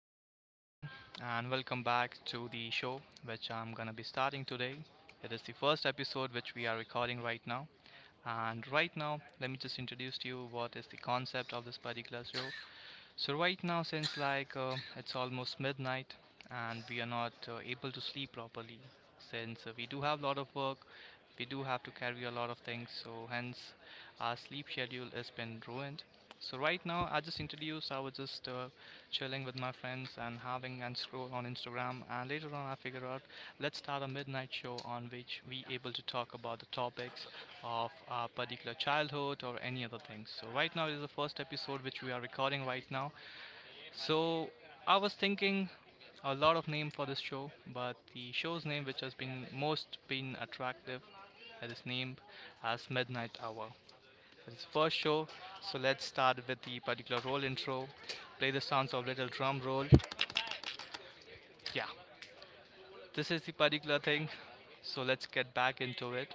Very good evening, and welcome back to the show which I'm gonna be starting today. It is the first episode which we are recording right now. And right now, let me just introduce to you what is the concept of this particular show. So right now, since like it's almost midnight and we are not able to sleep properly, since we do have a lot of work, we do have to carry a lot of things. So hence, our sleep schedule has been ruined. So right now, I just introduced. I was just chilling with my friends and having and scroll on Instagram. And later on, I figure out let's start a midnight show on which we able to talk about the topics of our particular childhood or any other things. So right now, it is the first episode which we are recording right now, so I was thinking a lot of name for this show, but the show's name which has been most been attractive, that is named as Midnight Hour. It's first show, so let's start with the particular roll intro. Play the sounds of little drum roll. Yeah, this is the particular thing. So let's get back into it.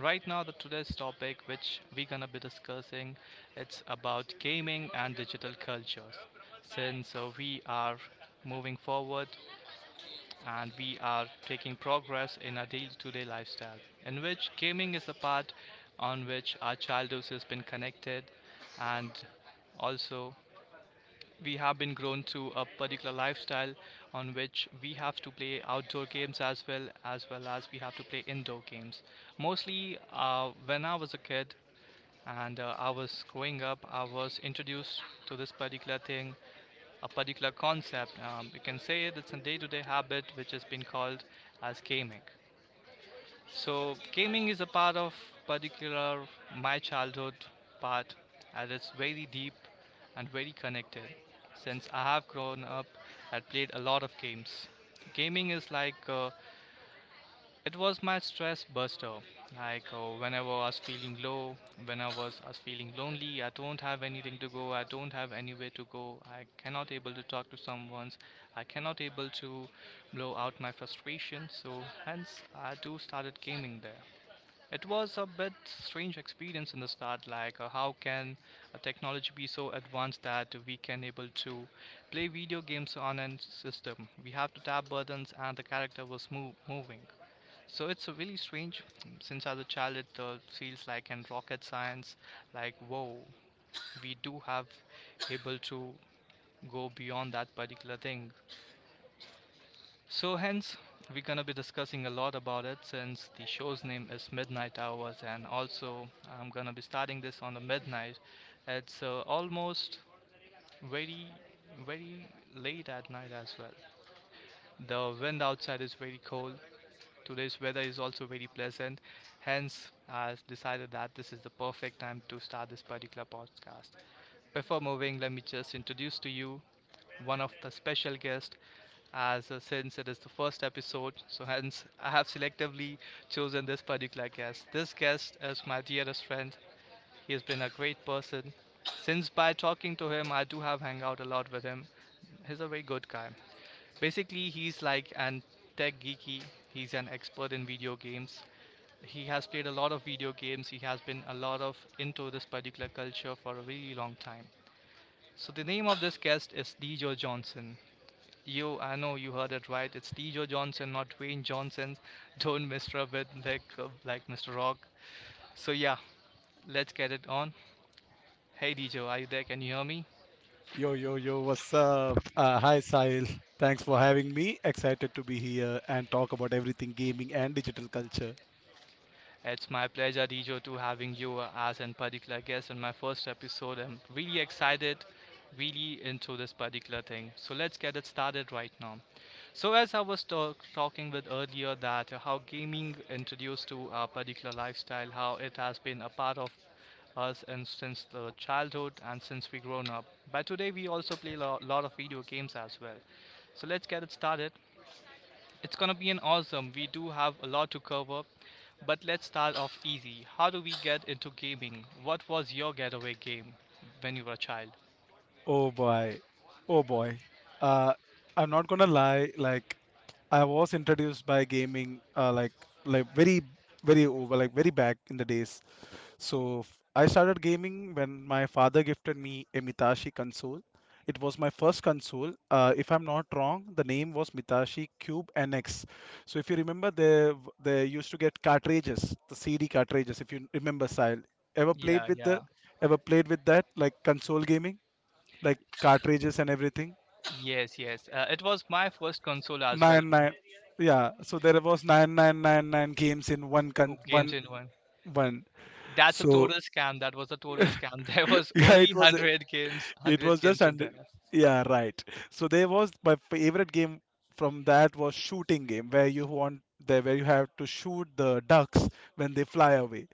Right now, the today's topic which we're gonna be discussing, it's about gaming and digital cultures. Since we are moving forward and we are taking progress in our day to day lifestyle, in which gaming is the part on which our childhood has been connected, and also we have been grown to a particular lifestyle on which we have to play outdoor games as well as well as we have to play indoor games mostly when I was a kid and I was growing up, I was introduced to this particular thing, a particular concept. You can say that's a day to day habit which has been called as gaming. So, gaming is a part of particular my childhood part, and it's very deep and very connected. Since I have grown up, I've played a lot of games. Gaming is like it was my stress buster. Like whenever I was feeling low, when I was feeling lonely, I don't have anything to go, I don't have anywhere to go, I cannot able to talk to someone, I cannot able to blow out my frustration. So hence I do started gaming there. It was a bit strange experience in the start, like how can a technology be so advanced that we can able to play video games on a system? We have to tap buttons and the character was moving. So it's really strange since as a child it feels like in rocket science, like whoa, we do have able to go beyond that particular thing. So hence we're gonna be discussing a lot about it since the show's name is Midnight Hours and also I'm gonna be starting this on the midnight. It's almost very very late at night as well. The wind outside is very cold. Today's weather is also very pleasant, hence, I decided that this is the perfect time to start this particular podcast. Before moving, let me just introduce to you one of the special guests, as since it is the first episode, so hence, I have selectively chosen this particular guest. This guest is my dearest friend, he has been a great person. Since by talking to him, I do have hang out a lot with him. He's a very good guy. Basically, he's like an tech geeky. He's an expert in video games. He has played a lot of video games. He has been a lot of into this particular culture for a really long time. So the name of this guest is Dejo Johnson. You, I know you heard it right. It's Dejo Johnson, not Dwayne Johnson. Don't misrub it like Mr. Rock. So yeah, let's get it on. Hey Dejo, are you there? Can you hear me? Yo, yo, yo, what's up? Hi, Sahil. Thanks for having me. Excited to be here and talk about everything gaming and digital culture. It's my pleasure, Dejo, to having you as a particular guest in my first episode. I'm really excited, really into this particular thing. So let's get it started right now. So as I was talking with earlier that how gaming introduced to a particular lifestyle, how it has been a part of us and since the childhood and since we grown up. But today we also play a lot of video games as well. So let's get it started. It's gonna be an awesome. We do have a lot to cover, but let's start off easy. How do we get into gaming? What was your getaway game when you were a child? Oh boy. Oh boy. Uh, I'm not gonna lie, like I was introduced by gaming, like very very over like very back in the days. I started gaming when my father gifted me a Mitashi console. It was my first console. If I'm not wrong, the name was Mitashi Cube NX. So if you remember, they used to get cartridges, the CD cartridges. If you remember, Sile, ever played Yeah, with the yeah, ever played with that, like, console gaming, like cartridges and everything. yes, yes. It was my first console as well. Nine nine, yeah. So there was 9999 games in one Oh, con Games one in one. one. That's a So total scam. That was a total scam. There was yeah, only it was 100 games, it 100 was just games in under. there. Yeah, right. So there was my favorite game from that, was shooting game, where you have to shoot the ducks when they fly away.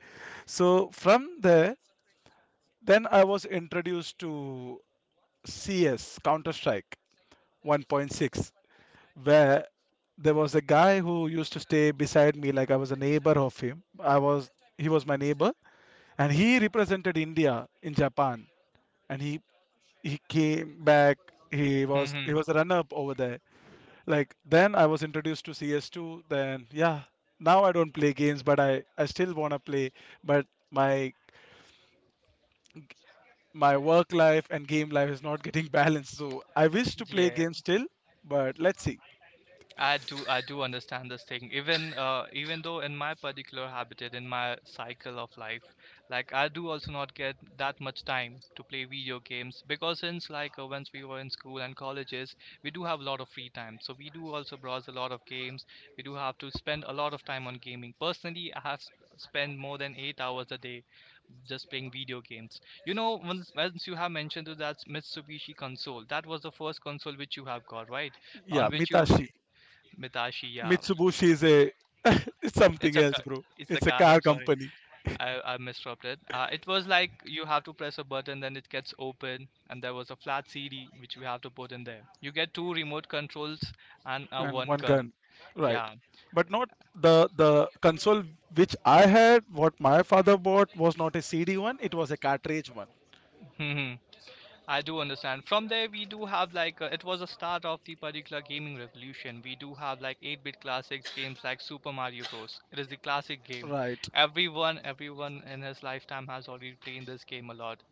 So from there, then I was introduced to CS, counter strike 1.6, where there was a guy who used to stay beside me. Like, I was a neighbor of him I was he was my neighbor, and he represented india in japan, and he came back. He was Hmm. a runner up over there. Like, then I was introduced to CS2. Then, yeah, now I don't play games, but I still want to play, but my work life and game life is not getting balanced, so I wish to play Yeah, games still. But let's see. I do. I do understand this thing. Even even though in my particular habitat, in my cycle of life, like I do also not get that much time to play video games because since like once we were in school and colleges, we do have a lot of free time. So we do also browse a lot of games. We do have to spend a lot of time on gaming. Personally, I have spent more than 8 hours a day just playing video games. You know, once you have mentioned to that Mitsubishi console, that was the first console which you have got, right? On Yeah, which you, mitashi. Mitashi, yeah, Mitsubishi is a it's it's something a else, bro. it's a It's a card. car I'm sorry, company. I misrupt it. It was like you have to press a button, then it gets open, and there was a flat CD which we have to put in there. You get two remote controls and a And one one gun. gun, right. Yeah. But not the console which I had. What my father bought was not a CD one, it was a cartridge one. I do understand. From there, we do have like it was the start of the particular gaming revolution. We do have like 8-bit classics games like Super Mario Bros. It is the classic game. Right. Everyone in his lifetime has already played this game a lot.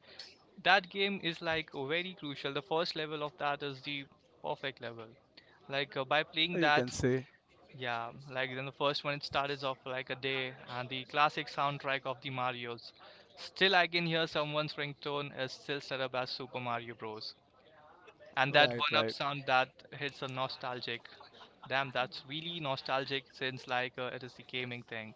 That game is like very crucial. The first level of that is the perfect level. Like by playing You can that, say. yeah, like then the first one it starts off like a day, and the classic soundtrack of the Mario's. Still, I can hear someone's ringtone is still set up as Super Mario Bros. And that Right, one up right. sound that hits a nostalgic. Damn, that's really nostalgic since like it is the gaming thing.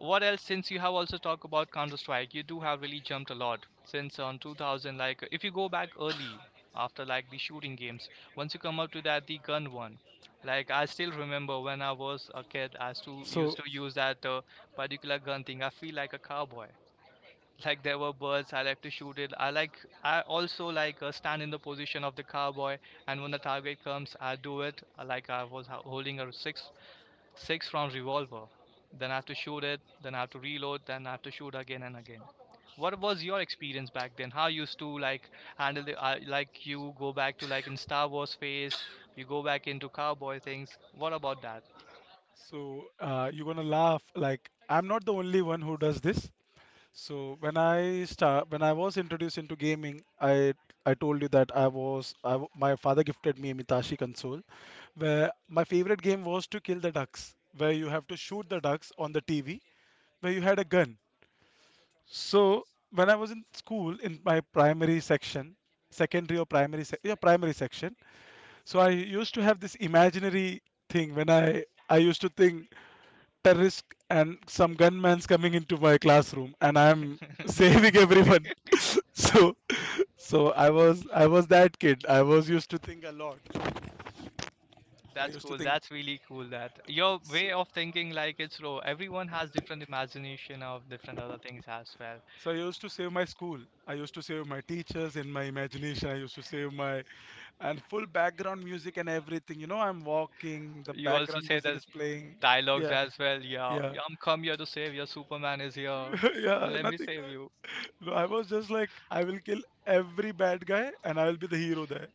What else? Since you have also talked about Counter Strike, you do have really jumped a lot since on 2000. Like if you go back early after like the shooting games, once you come up to that the gun one. Like I still remember when I was a kid, I still so used to use that particular gun thing. I feel like a cowboy, like there were birds, I like to shoot it, I like, I also like stand in the position of the cowboy, and when the target comes I do it like I was holding a six round revolver, then I have to shoot it, then I have to reload, then I have to shoot again and again. What was your experience back then, how you used to like handle the like you go back to like in Star Wars phase, you go back into cowboy things, what about that? so, you're gonna laugh, like, I'm not the only one who does this. So, when I was introduced into gaming, i I told you that I was I w my father gifted me a mitashi console, where my favorite game was to kill the ducks, where you have to shoot the ducks on the TV, where you had a gun. So when I was in school, in my primary section, secondary or primary, sec yeah, primary section. So I used to have this imaginary thing, when I used to think terrorist and some gunman's coming into my classroom and I'm saving everyone. So, I was that kid. I was used to think a lot. I That's used to cool. think. That's really cool that your So, way of thinking like it's raw. Everyone has different imagination of different other things as well. I used to save my school. I used to save my teachers in my imagination. I used to save my, and full background music and everything. You know, I'm walking, the You also background say music that is playing. dialogues Yeah, as well. Yeah, yeah, yeah, I'm come here to save you. Superman is here. yeah, Let me nothing. save you. No, I was just like, I will kill every bad guy and I will be the hero there.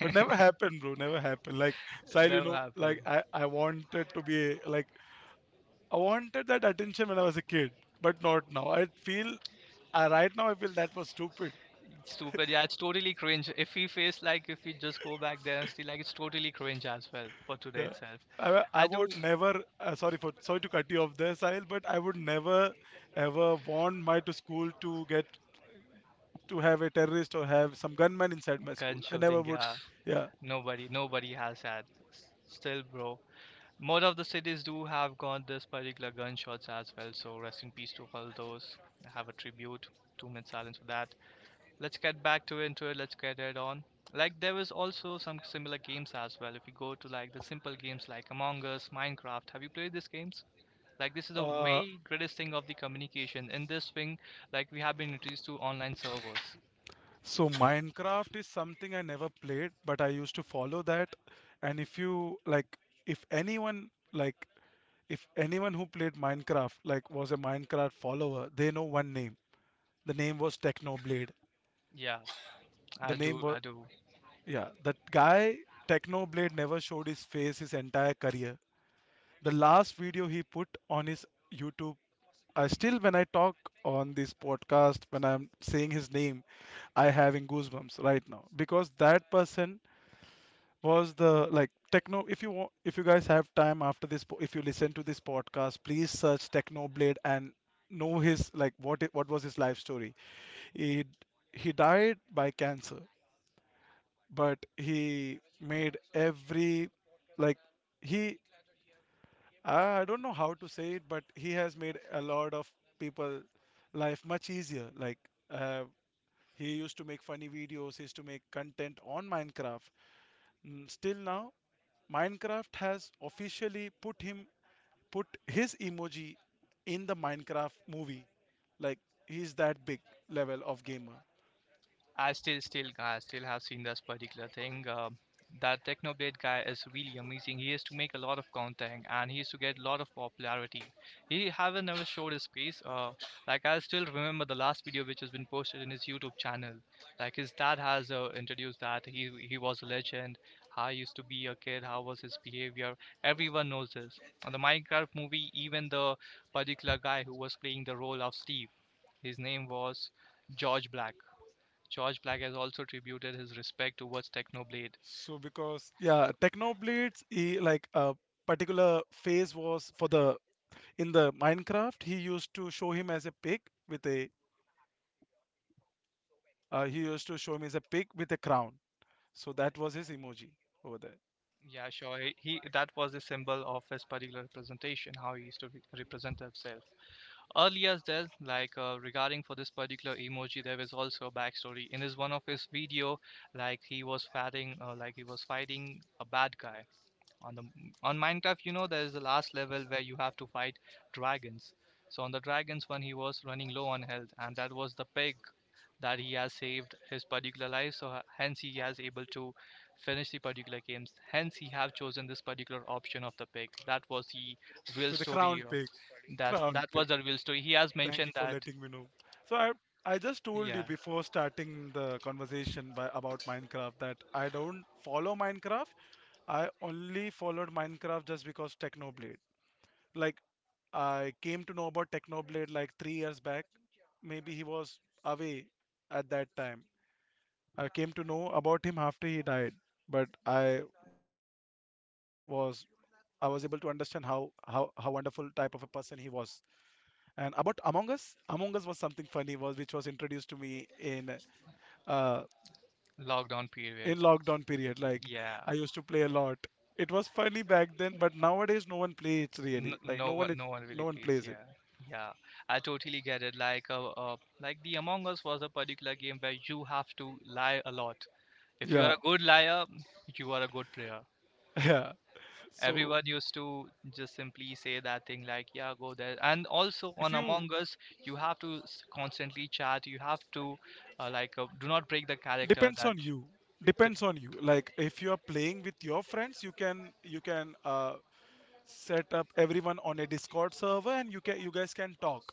But never happened, bro. Never happened. Like, Sahil, you Never know, happened. like I wanted to be like, I wanted that attention when I was a kid, but not now. Right now, I feel that was stupid. Stupid. Yeah, it's totally cringe. If we face like if we just go back there and see like it's totally cringe as well for today Yeah. itself. I I do would never — sorry to cut you off there, Sahil, but I would never ever want my to school to get to have a terrorist or have some gunman inside my school. gun I never shooting. would. Yeah, Yeah. nobody, nobody has that. Still, bro. More of the cities do have got this particular gunshots as well, so rest in peace to all those. I have a tribute, 2 minutes silence for that. Let's get back to into it. Let's get it on. Like there was also some similar games as well. If you go to like the simple games like Among Us, Minecraft, have you played these games? Like this is the Uh, way greatest thing of the communication. In this thing, like we have been introduced to online servers. so Minecraft is something I never played, but I used to follow that. And if you, if anyone like, if anyone who played Minecraft, like, was a Minecraft follower, they know one name. The name was Technoblade. Yeah, The I do. name was I do. Yeah, that guy, Technoblade, never showed his face his entire career. The last video he put on his YouTube, I still, when I talk on this podcast, when I'm saying his name, I having goosebumps right now, because that person was the, like, techno. If you want, if you guys have time after this, if you listen to this podcast, please search Technoblade and know his, like, what was his life story. He he died by cancer, but he made every, like, he I don't know how to say it, but he has made a lot of people life much easier. Like, uh, he used to make funny videos, he used to make content on Minecraft. Still now, Minecraft has officially put him, put his emoji in the Minecraft movie. Like, he's that big level of gamer. I still, still, I still have seen this particular thing. That Technoblade guy is really amazing. He used to make a lot of content and he used to get a lot of popularity. He haven't ever showed his face. Like I still remember the last video which has been posted in his YouTube channel. Like his dad has introduced that he was a legend. How he used to be a kid. How was his behavior? Everyone knows this. On the Minecraft movie, even the particular guy who was playing the role of Steve, his name was George Black. George Black has also tributed his respect towards Technoblade. So, because, yeah, Technoblades, he like a particular phase was for the in the Minecraft. He used to show him as a pig with a, he used to show him as a pig with a crown. So that was his emoji over there. Yeah, sure. That was the symbol of his particular representation, how he used to represent himself. Earlier there's like regarding for this particular emoji there is also a backstory in his one of his video. Like he was fighting like he was fighting a bad guy on the on Minecraft. You know, there is the last level where you have to fight dragons. So on the dragons one, he was running low on health, and that was the pig that he has saved his particular life. So hence he has able to finish the particular games, hence he have chosen this particular option of the pig. That was the real With a story. crown pig, that's crown that pig. was the real story. He has Thank mentioned you for that. letting me know. So I just told you Yeah, before starting the conversation by about Minecraft, that I don't follow Minecraft. I only followed Minecraft just because Technoblade. Like, I came to know about Technoblade like 3 years back. Maybe he was away at that time. I came to know about him after he died, but was I was able to understand how wonderful type of a person he was. And about Among Us, Among Us was something funny was which was introduced to me uh lockdown in period. lockdown period. Like, Yeah, I used to play a lot. It was funny back then, but nowadays no one plays it really. Like, no one, no one no really one plays. plays it. Yeah, yeah. I totally get it. Like the Among Us was a particular game where you have to lie a lot. If you are Yeah, a good liar, you are a good player. yeah. So Everyone used to just simply say that thing like, "Yeah, go there." And also if on you Among Us, you have to constantly chat. You have to, like, do not break the character depends that on you depends on you. Like, if you are playing with your friends, you can set up everyone on a discord server, and you guys can talk.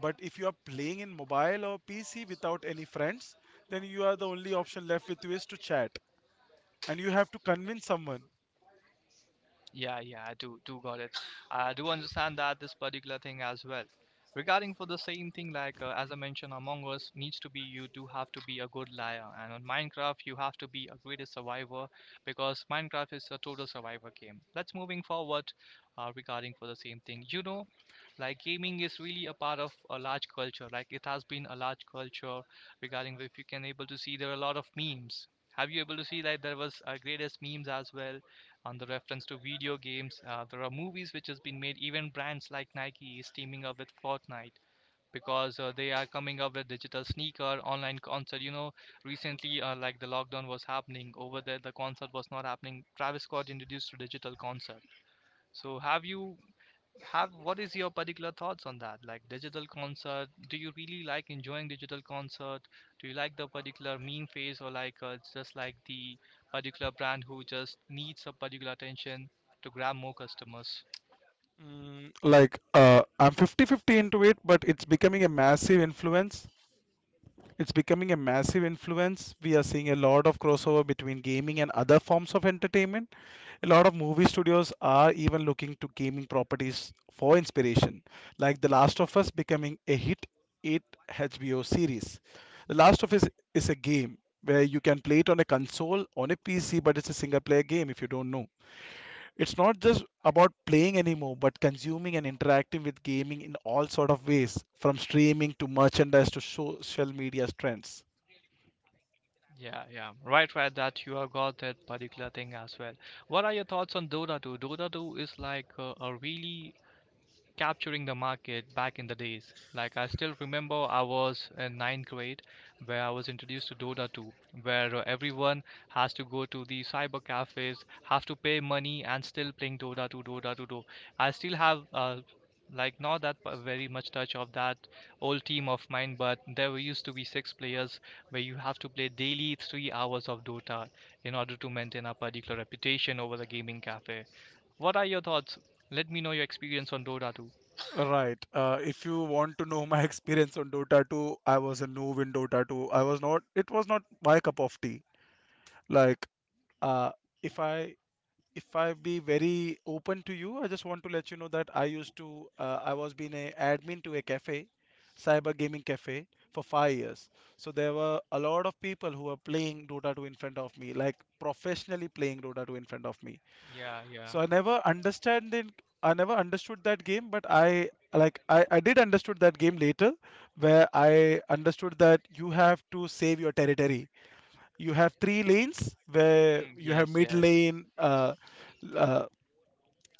But if you are playing in mobile or PC without any friends, then you are the only option left with you is to chat, and you have to convince someone. Yeah, yeah, I do got it. I do understand that this particular thing as well. Regarding for the same thing, like as I mentioned, Among Us needs to be you do have to be a good liar, and on Minecraft you have to be a greatest survivor because Minecraft is a total survivor game. Let's moving forward regarding for the same thing. You know, like gaming is really a part of a large culture. Like it has been a large culture regarding if you can able to see there are a lot of memes. Have you able to see that there was greatest memes as well? On the reference to video games. There are movies which has been made. Even brands like Nike is teaming up with Fortnite because they are coming up with digital sneaker, online concert. You know, recently like the lockdown was happening over there, the concert was not happening. Travis Scott introduced a digital concert. So have you have what is your particular thoughts on that? Like digital concert, do you really like enjoying digital concert? Do you like the particular meme phase or like it's just like the particular brand who just needs a particular attention to grab more customers? I'm fifty fifty into it, but it's becoming a massive influence. It's becoming a massive influence. We are seeing a lot of crossover between gaming and other forms of entertainment. A lot of movie studios are even looking to gaming properties for inspiration, like The Last of Us becoming a hit 8 HBO series. The Last of Us is a game where you can play it on a console, on a PC, but it's a single player game if you don't know. It's not just about playing anymore, but consuming and interacting with gaming in all sort of ways, from streaming to merchandise to social media trends. Yeah, yeah, right, right. That you have got that particular thing as well. What are your thoughts on Dota 2? Dota 2 is like a really capturing the market back in the days. Like I still remember I was in ninth grade where I was introduced to Dota 2, where everyone has to go to the cyber cafes, have to pay money and still playing Dota 2, Dota 2, Dota. I still have like not that very much touch of that old team of mine, but there were used to be 6 players where you have to play daily 3 hours of Dota in order to maintain a particular reputation over the gaming cafe. What are your thoughts? Let me know your experience on Dota 2. Right. If you want to know my experience on Dota 2, I was a noob in Dota 2. I was not. It was not my cup of tea. Like, uh, if I if I be very open to you, I just want to let you know that I used to. I was being a admin to a cafe, cyber gaming cafe, for 5 years. So there were a lot of people who were playing Dota 2 in front of me, like professionally playing Dota 2 in front of me. Yeah, yeah. So I never understand it. I never understood that game, but I did understood that game later, where I understood that you have to save your territory. You have three lanes where Mm, you have yes, mid yes, lane, uh,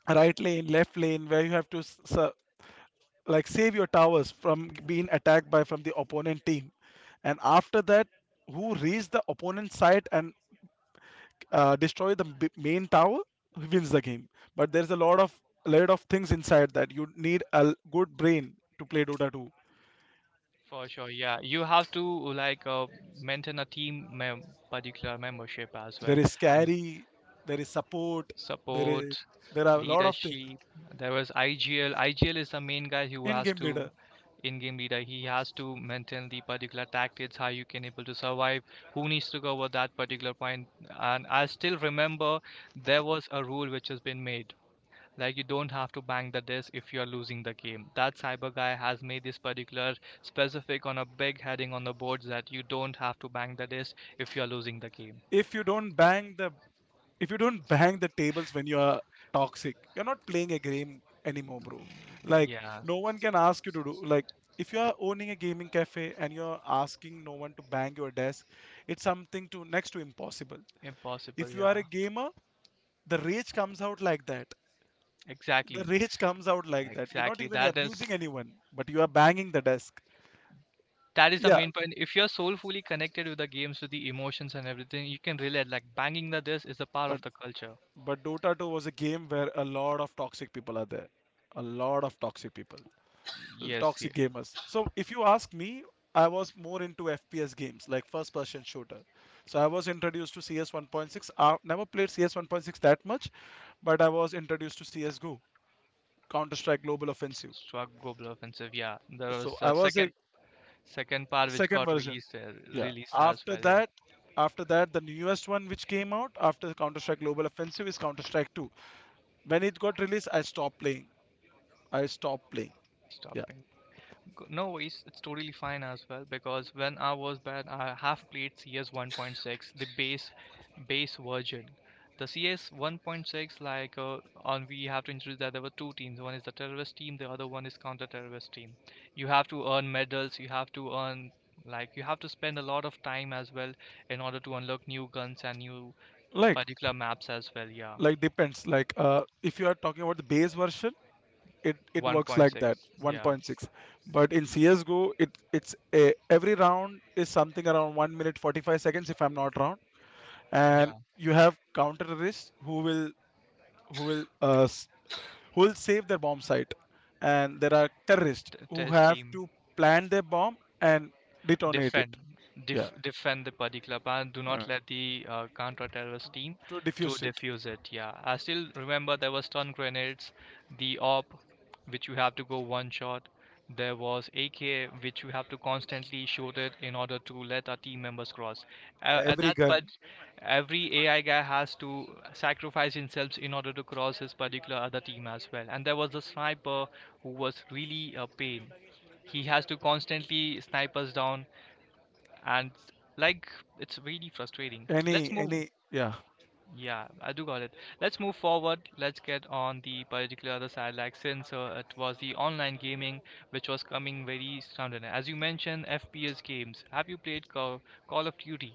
right lane, left lane, where you have to like save your towers from being attacked by from the opponent team, and after that, who reached the opponent side and, destroy the main tower, who wins the game. But there's a lot of things inside, that you need a good brain to play dota 2. for sure. Yeah, you have to like maintain a team mem particular membership as well, There is and carry, there is support, there is support, there are a lot of things. leadership. There was IGL. IGL is the main guy who In has game to leader. in-game leader. He has to maintain the particular tactics, how you can able to survive, who needs to cover that particular point. And I still remember there was a rule which has been made. Like you don't have to bang the disc if you're losing the game. That cyber guy has made this particular specific on a big heading on the boards that you don't have to bang the disc if you're losing the game. if you don't bang the if you don't bang the tables when you are toxic, you're not playing a game anymore, bro. Like, Yeah, no one can ask you to do, like, if you are owning a gaming cafe and you're asking no one to bang your desk, it's something to next to impossible. impossible. If you Yeah, are a gamer, the rage comes out like that, the exactly, rage comes out like that. You're not exactly. even abusing anyone, but you are banging the desk. That is the Yeah, main point. If you're soulfully connected with the games, with the emotions and everything, you can relate. Like banging the disc is a part of but the culture. Dota 2 was a game where a lot of toxic people are there. A lot of toxic people, Yes, yeah. toxic gamers. So if you ask me, I was more into FPS games, like first person shooter. So I was introduced to CS 1.6. I never played CS 1.6 that much, but I was introduced to CSGO, counter strike global Offensive. Struck Global Offensive. Yeah, there So was I a was a second second part which second got version. released Yeah, released as after well. Yeah. that, the newest one, which came out after counter strike global Offensive, is counter strike 2, when it got released I stopped playing. I stopped playing. Yeah. Stopping. No worries, it's totally fine as well because when I was bad, I have played CS 1.6, the base version. The CS 1.6, like on, we have to introduce that there were two teams. One is the terrorist team, the other one is counter-terrorist team. You have to earn medals. You have to earn like you have to spend a lot of time as well in order to unlock new guns and new Like, particular maps as well. Yeah, depends, like, if you are talking about the base version, it works like 1.6. that. Yeah, 1.6. But in CSGO, it's a, every round is something around 1 minute 45 seconds, if I'm not wrong. And yeah. you have counter terrorists who will uh, s- who will save their bomb site. And there are terrorists who Test have team. to plant their bomb and detonate it. Defend Yeah. Defend the particular plan, do uh, not let the counter-terrorist team to to diffuse it. defuse it. Yeah, I still remember there was stun grenades, the op which you have to go one shot, there was AK which you have to constantly shoot it in order to let our team members cross at Every that. gun, But every AI guy has to sacrifice himself in order to cross his particular other team as well, and there was the sniper who was really a pain. He has to constantly snipe us down. And like it's really frustrating. Let's move. any, yeah, Yeah, I do got it. Let's move forward, let's get on the particular other side. Like since it was the online gaming which was coming very sound, as you mentioned FPS games, have you played Call of Duty?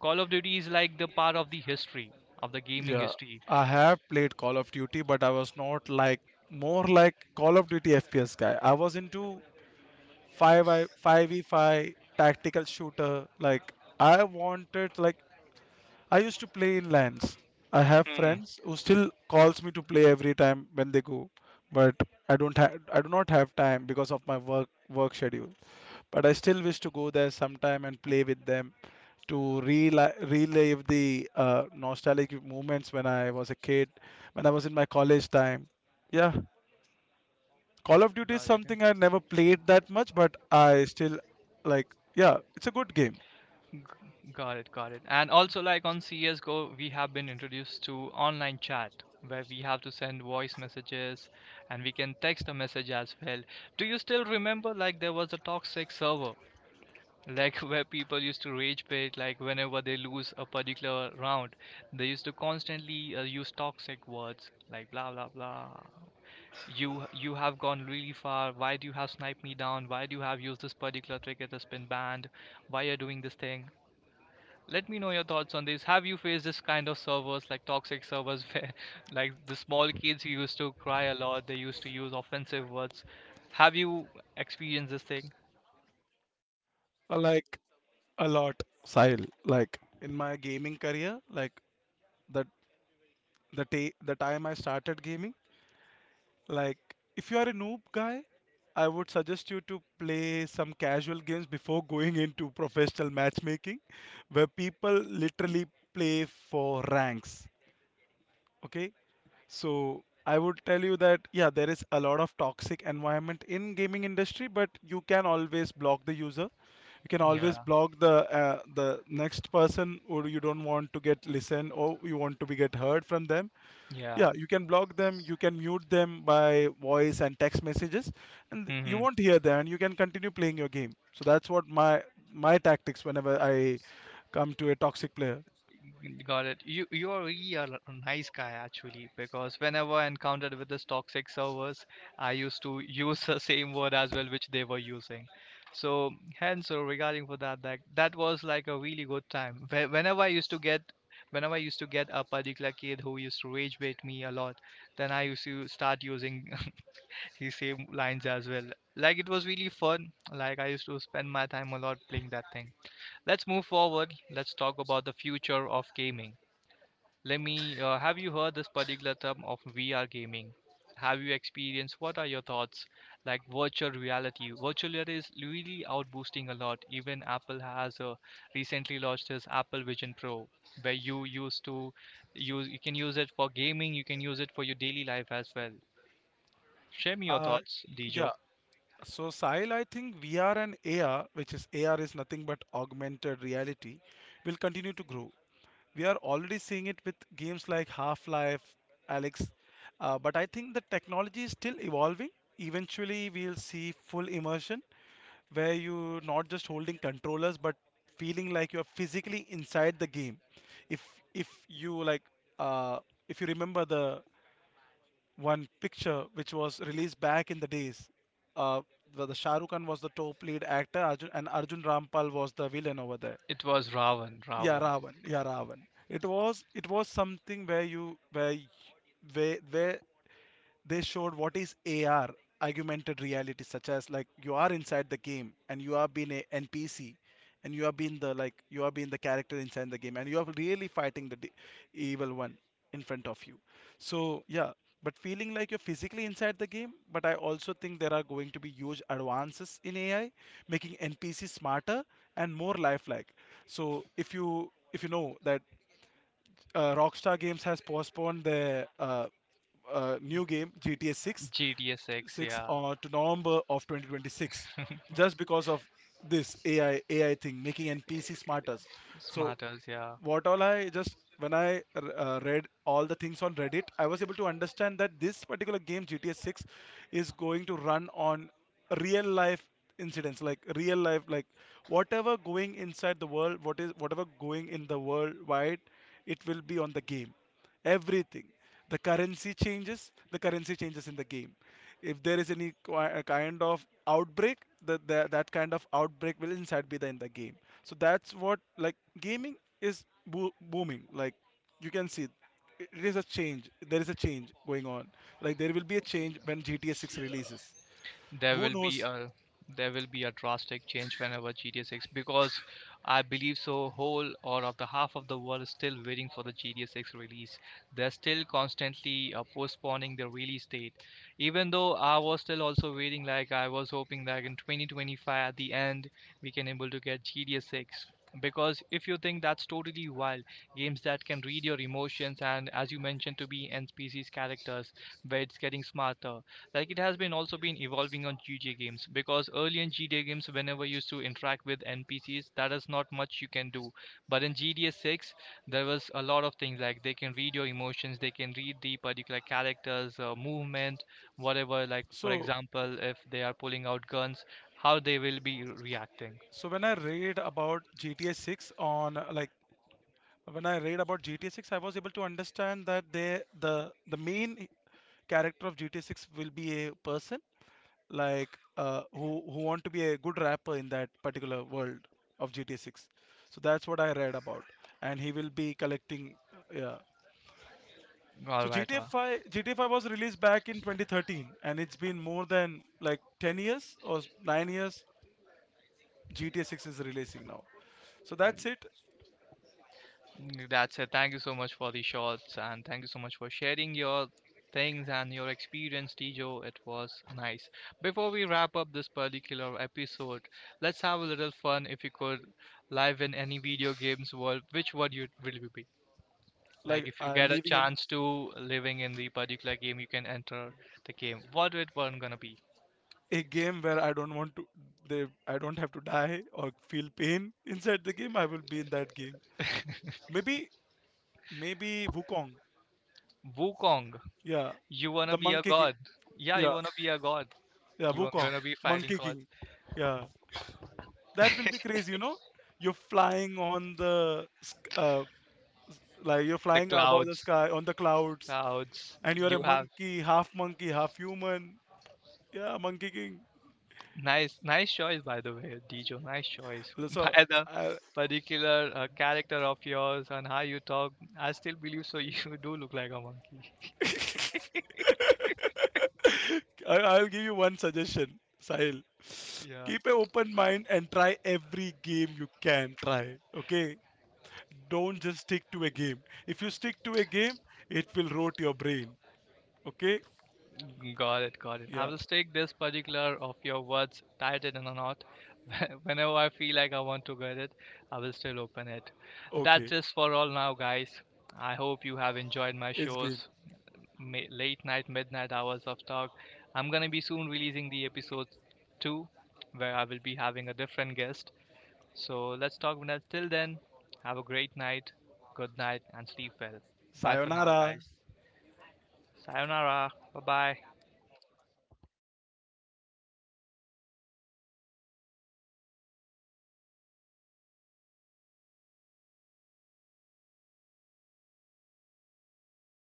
Call of Duty is like the part of the history of the gaming yeah. history. I have played Call of Duty, but I was not like more like Call of Duty FPS guy. I was into 5 I 5v5 tactical shooter. Like I wanted, like I used to play in lands. I have Hmm. friends who still calls me to play every time when they go, but I do not have time because of my work schedule. But I still wish to go there sometime and play with them to relive the nostalgic moments when I was a kid, when I was in my college time. Yeah, Call of Duty is Got it. something I never played that much, but I still like. Yeah, it's a good game. G- Got it, got it. And also, like on CSGO, we have been introduced to online chat where we have to send voice messages, and we can text a message as well. Do you still remember, like, there was a toxic server, like, where people used to rage bait, like, whenever they lose a particular round, they used to constantly use toxic words like blah blah blah. You have gone really far. Why do you have sniped me down? Why do you have used this particular trick that has been banned? Why are you doing this thing? Let me know your thoughts on this. Have you faced this kind of servers, like toxic servers, where like the small kids who used to cry a lot, they used to use offensive words? Have you experienced this thing? I like a lot, Sahil. Like in my gaming career, like the the time I started gaming. Like if you are a noob guy, I would suggest you to play some casual games before going into professional matchmaking, where people literally play for ranks. Okay, so I would tell you that yeah, there is a lot of toxic environment in gaming industry, but you can always block the user. You can always Yeah, block the next person who you don't want to get listened, or you want to be get heard from them. yeah. Yeah, you can block them, you can mute them by voice and text messages, and you Hmm. won't hear them, and you can continue playing your game. So that's what my tactics whenever I come to a toxic player. Got it. You are really a nice guy actually, because whenever I encountered with this toxic servers, I used to use the same word as well which they were using. So hence regarding for that was like a really good time. Whenever I used to get whenever I used to get a particular kid who used to rage bait me a lot, then I used to start using the same lines as well. Like it was really fun. Like I used to spend my time a lot playing that thing. Let's move forward. Let's talk about the future of gaming. Let me. Have you heard this particular term of VR gaming? Have you experienced? What are your thoughts? Like virtual reality. Virtual reality is really out boosting a lot. Even Apple has recently launched this Apple Vision Pro, where you used to use. You can use it for gaming. You can use it for your daily life as well. Share me your Uh, thoughts, yeah. Dijo. So Sahil, I think VR and AR, which is, AR is nothing but augmented reality, will continue to grow. We are already seeing it with games like Half-Life, Alex, but I think the technology is still evolving. Eventually, we'll see full immersion where you not just holding controllers but feeling like you're physically inside the game, if if you like, uh if you remember the one picture which was released back in the days, uh the Shah Rukh Khan was the top lead actor Arjun, and Arjun Rampal was the villain over there. It was Ravan. Yeah, Ravan. Ravan. Yeah, Ravan. It was, something where you where y- where where they showed what is AR, augmented reality, such as like you are inside the game and you are being a NPC, and you are being the, like you are being the character inside the game, and you are really fighting the evil one in front of you. So yeah. But feeling like you're physically inside the game. But I also think there are going to be huge advances in AI, making NPC smarter and more lifelike. So if you know that, Rockstar Games has postponed their new game GTA 6, GTSX. Yeah. To November of 2026, just because of this AI thing making NPC smarter. So Smarters. Yeah. what all, I just, when I read all the things on Reddit, I was able to understand that this particular game GTA 6 is going to run on real life incidents, like real life, like whatever going inside the world, what is whatever going in the world wide, it will be on the game, everything, the currency changes, the currency changes in the game, if there is any kind of outbreak, that kind of outbreak will inside be, in the game. So that's what, like, gaming is booming, like you can see it, it is a change, there is a change going on, like there will be a change when GTA 6 releases, there who will be knows. a there will be a drastic change whenever GTA 6, because I believe so whole or of the half of the world is still waiting for the GTA 6 release. They're still constantly postponing the release date. Even though I was still also waiting, like I was hoping that in 2025, at the end, we can able to get GTA 6, because if you think that's totally wild, games that can read your emotions and as you mentioned to be NPC's characters where it's getting smarter. Like it has been also been evolving on GTA games because early in GTA games, whenever you used to interact with NPCs, that is not much you can do. But in GTA 6, there was a lot of things like they can read your emotions, they can read the particular characters' movement, whatever. Like for so example, if they are pulling out guns, how they will be reacting. so when I read about GTA 6 on, when I read about GTA 6, I was able to understand that, they, the main character of GTA 6 will be a person, like who want to be a good rapper in that particular world of GTA 6. So that's what I read about, and he will be collecting. Yeah. So All right. GTA All. 5 GTA 5 was released back in 2013, and it's been more than like 10 years or 9 years. GTA 6 is releasing now. So that's it. Mm, that's it. Thank you so much for the shots and thank you so much for sharing your things and your experience, Tijo. It was nice. Before we wrap up this particular episode, let's have a little fun. If you could live in any video games world, which one you will you be? Like Like, if you get a leaving in chance to living in the particular game, you can enter the game. What it one gonna be? a game where I don't want to, they I don't have to die or feel pain inside the game, I will be in that game. Maybe Wukong. Wukong. Yeah. You wanna The be a Monkey King. god? Yeah, you Yeah. wanna be a god. Yeah, You are Wukong. gonna be fighting Monkey gods. King. Yeah. That will be crazy, you know? You're flying on the like you're The flying above the clouds. sky on the clouds, Crowds. and you're a You have monkey, half human. Yeah, Monkey King. nice, nice choice by the way, Dijo. Nice choice So by the particular character of yours and how you talk. I still believe so. You do look like a monkey. I, I'll give you one suggestion, Sahil. Yeah, Keep an open mind and try every game you can try. Okay? Don't just stick to a game. If you stick to a game, it will rot your brain. Okay? got it, got it. I Yeah. will stick this particular of your words, titled a knot. Whenever I feel like I want to get it, I will still open it. That's Okay. just for all now, guys. I hope you have enjoyed my It's been. shows. Late night, midnight hours of talk. I'm gonna be soon releasing the episode 2 where I will be having a different guest. So let's talk Vinod. Till then, have a great night, good night, and sleep well. Bye for now, Sayonara. guys. Sayonara. Bye bye.